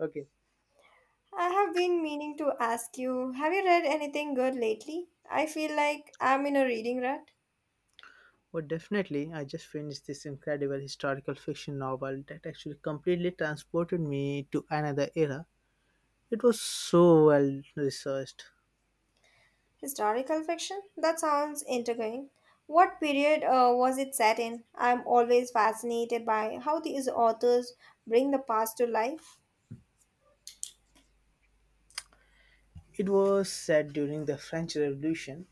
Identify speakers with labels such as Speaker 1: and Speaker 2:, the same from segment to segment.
Speaker 1: Okay.
Speaker 2: I have been meaning to ask you, have you read anything good lately? I feel like I'm in a reading rut.
Speaker 1: Well, definitely, I just finished this incredible historical fiction novel that actually completely transported me to another era. It was so well researched.
Speaker 2: Historical fiction? That sounds intriguing. What period was it set in? I'm always fascinated by how these authors bring the past to life.
Speaker 1: It was set during the French Revolution.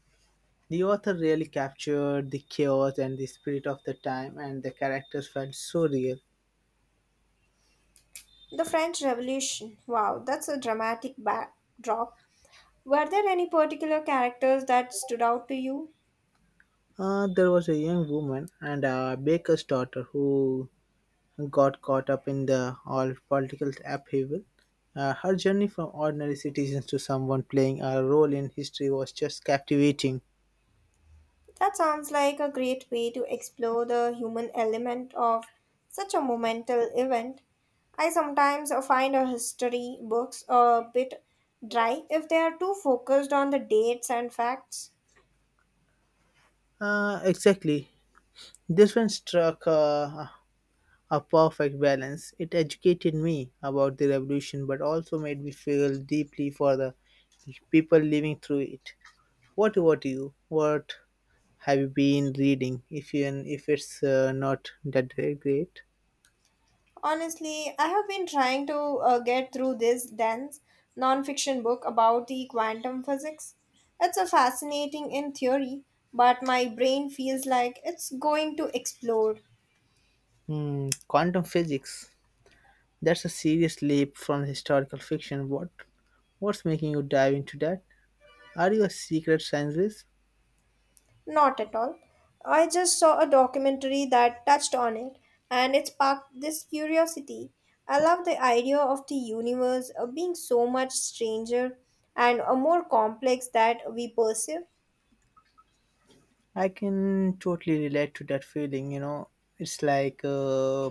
Speaker 1: The author really captured the chaos and the spirit of the time, and the characters felt so real.
Speaker 2: The French Revolution. Wow, that's a dramatic backdrop. Were there any particular characters that stood out to you?
Speaker 1: There was a young woman and a baker's daughter who got caught up in the all political upheaval. Her journey from ordinary citizens to someone playing a role in history was just captivating.
Speaker 2: That sounds like a great way to explore the human element of such a monumental event. I sometimes find a history books a bit dry if they are too focused on the dates and facts.
Speaker 1: Exactly. This one struck a perfect balance. It educated me about the revolution, but also made me feel deeply for the people living through it. What about you? What have you been reading? If you, if it's not that great,
Speaker 2: Honestly, I have been trying to get through this dense non-fiction book about the quantum physics. It's a fascinating in theory, but my brain feels like it's going to explode.
Speaker 1: hmm, quantum physics. That's a serious leap from historical fiction. What's making you dive into that? Are you a secret scientist?
Speaker 2: Not at all. I just saw a documentary that touched on it and it sparked this curiosity. I love the idea of the universe being so much stranger and more complex that we perceive.
Speaker 1: I can totally relate to that feeling. You know, it's like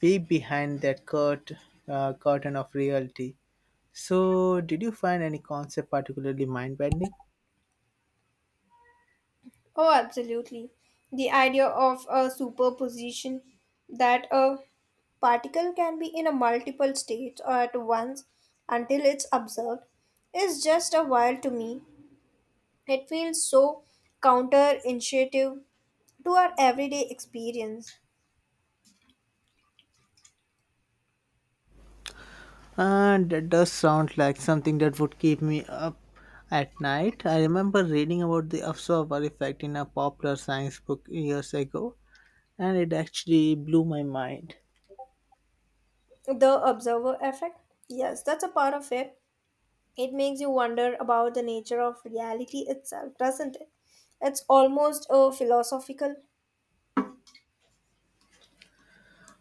Speaker 1: peek behind that curtain of reality. So, did you find any concept particularly mind bending?
Speaker 2: Oh, absolutely. The idea of a superposition that a particle can be in a multiple states at once until it's observed is just a while to me. It feels so counterintuitive to our everyday experience.
Speaker 1: That does sound like something that would keep me up at night. I remember reading about the observer effect in a popular science book years ago, and it actually blew my mind.
Speaker 2: The observer effect? Yes, that's a part of it. It makes you wonder about the nature of reality itself, doesn't it? It's almost a philosophical.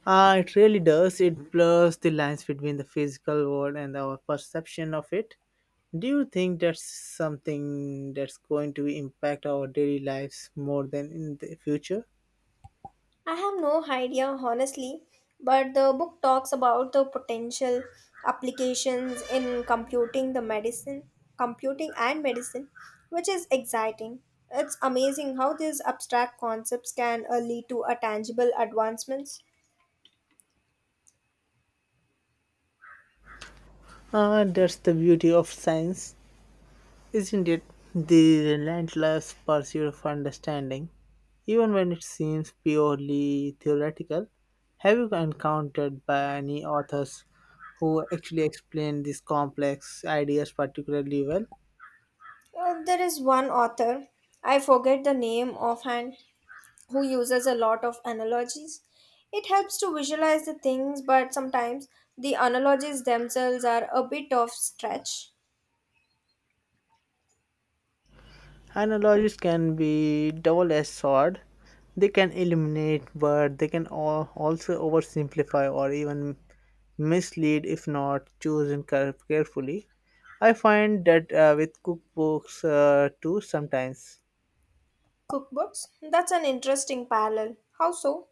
Speaker 1: It really does. It blurs the lines between the physical world and our perception of it. Do you think that's something that's going to impact our daily lives more than in the future?
Speaker 2: I have no idea, honestly, but the book talks about the potential applications in computing the medicine, computing and medicine, which is exciting. It's amazing how these abstract concepts can lead to a tangible advancements.
Speaker 1: That's the beauty of science. Isn't it the relentless pursuit of understanding, even when it seems purely theoretical? Have you encountered by any authors who actually explain these complex ideas particularly well?
Speaker 2: There is one author, I forget the name offhand, who uses a lot of analogies. It helps to visualize the things, but sometimes the analogies themselves are a bit of stretch.
Speaker 1: Analogies can be double-edged sword. They can illuminate, but they can also oversimplify or even mislead if not chosen carefully. I find that with cookbooks too sometimes.
Speaker 2: Cookbooks? That's an interesting parallel. How so?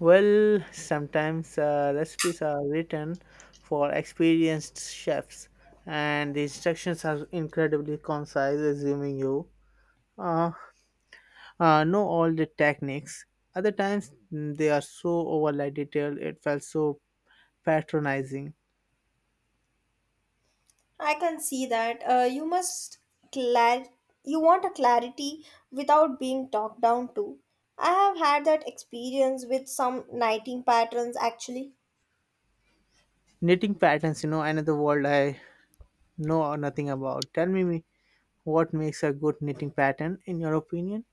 Speaker 1: Well, sometimes recipes are written for experienced chefs, and the instructions are incredibly concise, assuming you uh, know all the techniques. Other times they are so overly detailed, it felt so patronizing.
Speaker 2: I can see that. You must clar- you want a clarity without being talked down to. I have had that experience with some knitting patterns actually.
Speaker 1: Knitting patterns, you know, another world I know nothing about. Tell me what makes a good knitting pattern in your opinion?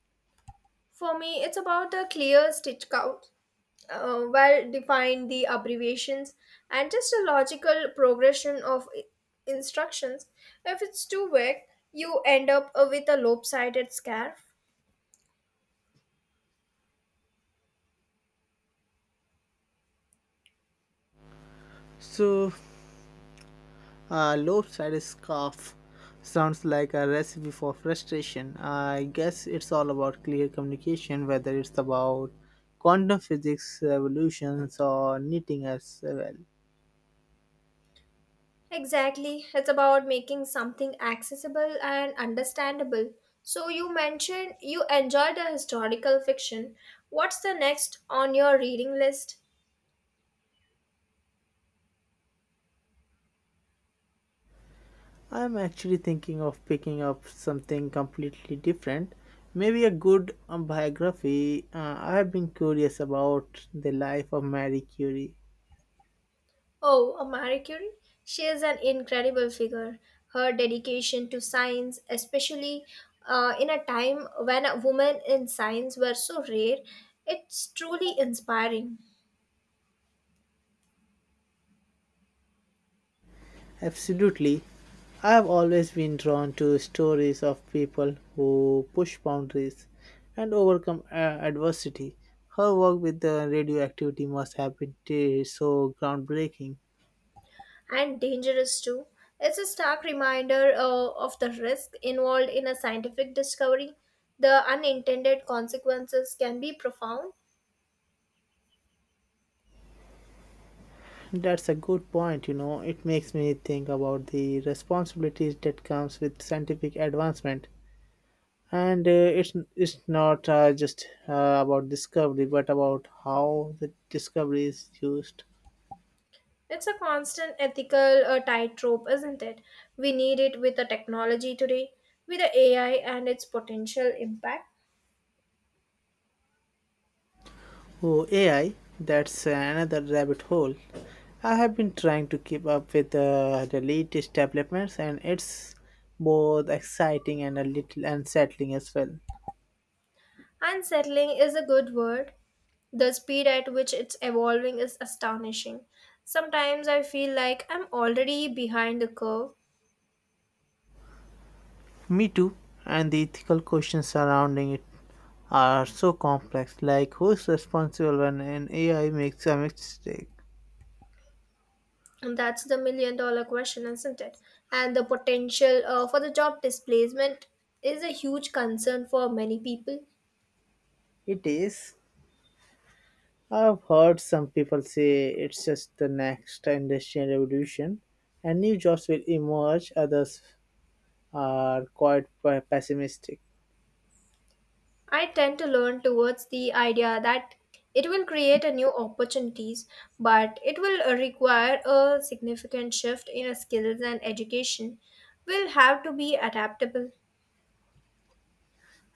Speaker 2: For me, it's about a clear stitch count well defined the abbreviations and just a logical progression of instructions if it's too vague you end up with a lopsided scarf
Speaker 1: So, lopsided scarf sounds like a recipe for frustration. I guess it's all about clear communication, whether it's about quantum physics revolutions or knitting as well.
Speaker 2: exactly it's about making something accessible and understandable so you mentioned you enjoyed the historical fiction what's the next on your reading list.
Speaker 1: I'm actually thinking of picking up something completely different. Maybe a good biography. I've been curious about the life of Marie Curie.
Speaker 2: Oh, a Marie Curie? She is an incredible figure. Her dedication to science, especially in a time when women in science were so rare, it's truly inspiring
Speaker 1: Absolutely. I've always been drawn to stories of people who push boundaries and overcome adversity. Her work with the radioactivity must have been so groundbreaking.
Speaker 2: and dangerous too. It's a stark reminder of the risk involved in a scientific discovery. The unintended consequences can be profound.
Speaker 1: That's a good point, you know. It makes me think about the responsibilities that comes with scientific advancement. And it's not just about discovery, but about how the discovery is used.
Speaker 2: It's a constant ethical tightrope, isn't it? We need it with the technology today, with the AI and its potential impact.
Speaker 1: Oh, AI, that's another rabbit hole. I have been trying to keep up with the latest developments, and it's both exciting and a little unsettling as well.
Speaker 2: Unsettling is a good word. The speed at which it's evolving is astonishing. Sometimes I feel like I'm already behind the curve,
Speaker 1: Me too, and the ethical questions surrounding it are so complex, like who's responsible when an AI makes a mistake?
Speaker 2: and that's the million dollar question, isn't it? And the potential for the job displacement is a huge concern for many people.
Speaker 1: It is. I've heard some people say it's just the next industrial revolution and new jobs will emerge, others are quite pessimistic.
Speaker 2: I tend to learn towards the idea that it will create a new opportunities, but it will require a significant shift in our skills and education. Will have to be adaptable.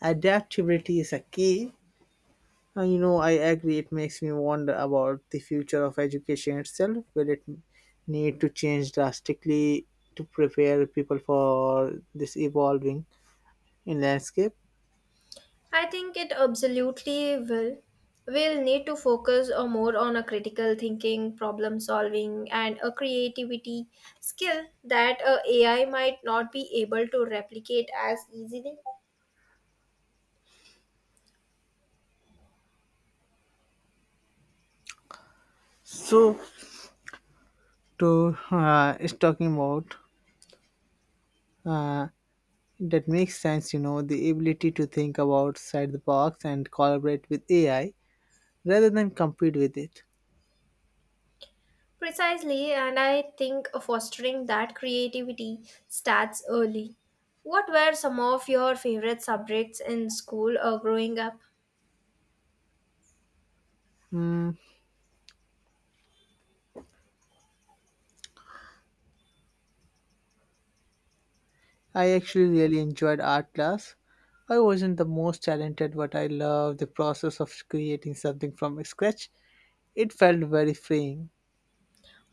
Speaker 1: Adaptability is a key, and you know, I agree, it makes me wonder about the future of education itself. Will it need to change drastically to prepare people for this evolving in landscape?
Speaker 2: I think it absolutely will. We'll need to focus more on a critical thinking, problem solving, and a creativity skill that AI might not be able to replicate as easily.
Speaker 1: So, to is talking about uh, that makes sense, you know, the ability to think about outside the box and collaborate with AI rather than compete with it.
Speaker 2: Precisely, and I think fostering that creativity starts early. What were some of your favorite subjects in school or growing up?
Speaker 1: I actually really enjoyed art class. I wasn't the most talented, but I loved the process of creating something from scratch. It felt very freeing.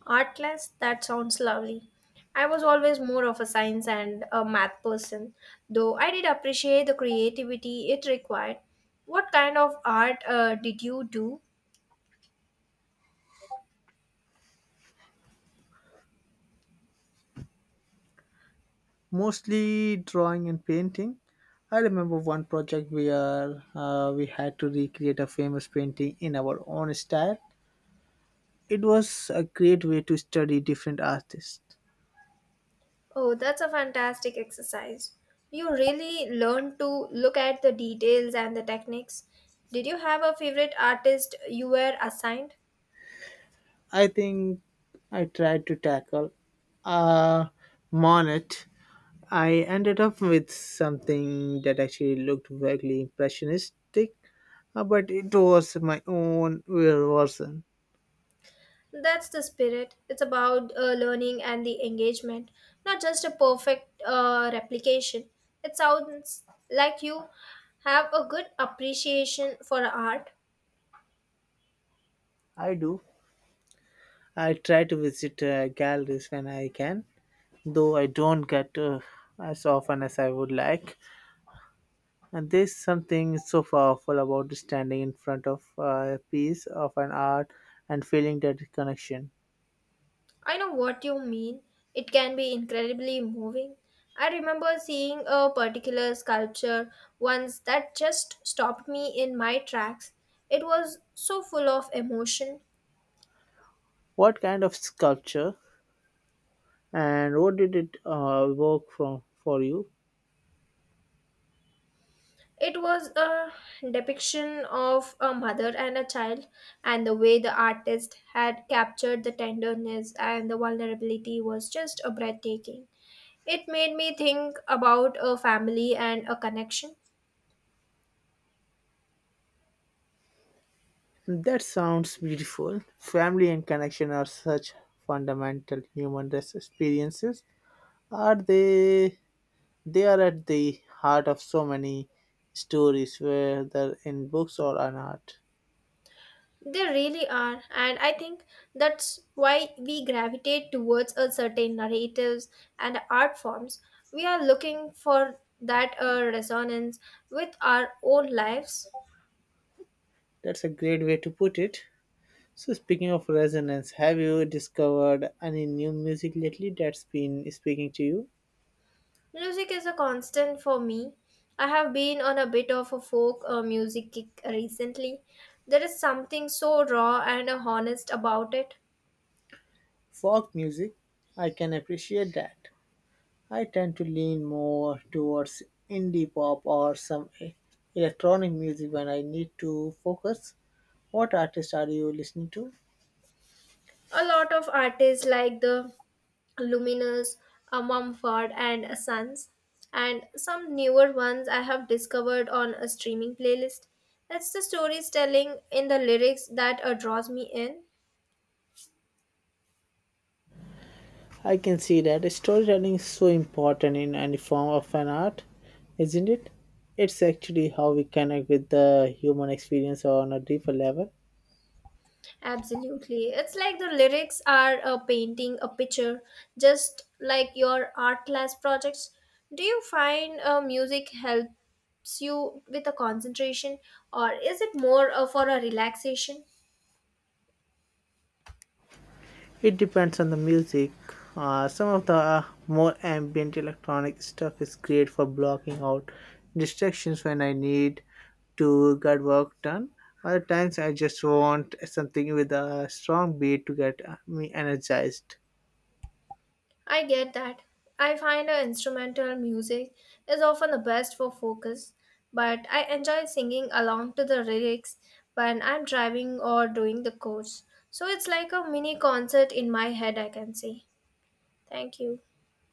Speaker 2: Art class? That sounds lovely. I was always more of a science and a math person, though I did appreciate the creativity it required. What kind of art did you do?
Speaker 1: Mostly drawing and painting. I remember one project where we had to recreate a famous painting in our own style. It was a great way to study different artists.
Speaker 2: Oh, that's a fantastic exercise. You really learn to look at the details and the techniques. Did you have a favorite artist you were assigned?
Speaker 1: I think I tried to tackle a Monet. I ended up with something that actually looked vaguely impressionistic, but it was my own version.
Speaker 2: That's the spirit. It's about learning and the engagement, not just a perfect replication. It sounds like you have a good appreciation for art.
Speaker 1: I do. I try to visit galleries when I can, though I don't get as often as I would like. And there's something so powerful about standing in front of a piece of an art and feeling that connection.
Speaker 2: I know what you mean. It can be incredibly moving. I remember seeing a particular sculpture once that just stopped me in my tracks. It was so full of emotion.
Speaker 1: What kind of sculpture and what did it work from for you?
Speaker 2: It was a depiction of a mother and a child, and the way the artist had captured the tenderness and the vulnerability was just a breathtaking. It made me think about a family and a connection.
Speaker 1: That sounds beautiful. Family and connection are such fundamental human experiences. Are they? They are at the heart of so many stories, whether in books or on art.
Speaker 2: They really are, and I think that's why we gravitate towards a certain narratives and art forms. We are looking for that resonance with our own lives.
Speaker 1: That's a great way to put it. So, speaking of resonance, have you discovered any new music lately that's been speaking to you?
Speaker 2: Music is a constant for me. I have been on a bit of a folk music kick recently. There is something so raw and honest about it.
Speaker 1: Folk music, I can appreciate that. I tend to lean more towards indie pop or some electronic music when I need to focus. What artist are you listening to?
Speaker 2: A lot of artists like the Luminous, Mumford and Sons, and some newer ones I have discovered on a streaming playlist. It's the storytelling in the lyrics that draws me in.
Speaker 1: I can see that storytelling is so important in any form of an art, isn't it? It's actually how we connect with the human experience on a deeper level.
Speaker 2: Absolutely. It's like the lyrics are a painting, a picture, just like your art class projects. Do you find music helps you with the concentration, or is it more for a relaxation?
Speaker 1: It depends on the music. Some of the more ambient electronic stuff is great for blocking out distractions when I need to get work done. Other times I just want something with a strong beat to get me energized.
Speaker 2: I get that. I find instrumental music is often the best for focus, but I enjoy singing along to the lyrics when I'm driving or doing the course. So it's like a mini concert in my head, I can say. Thank you.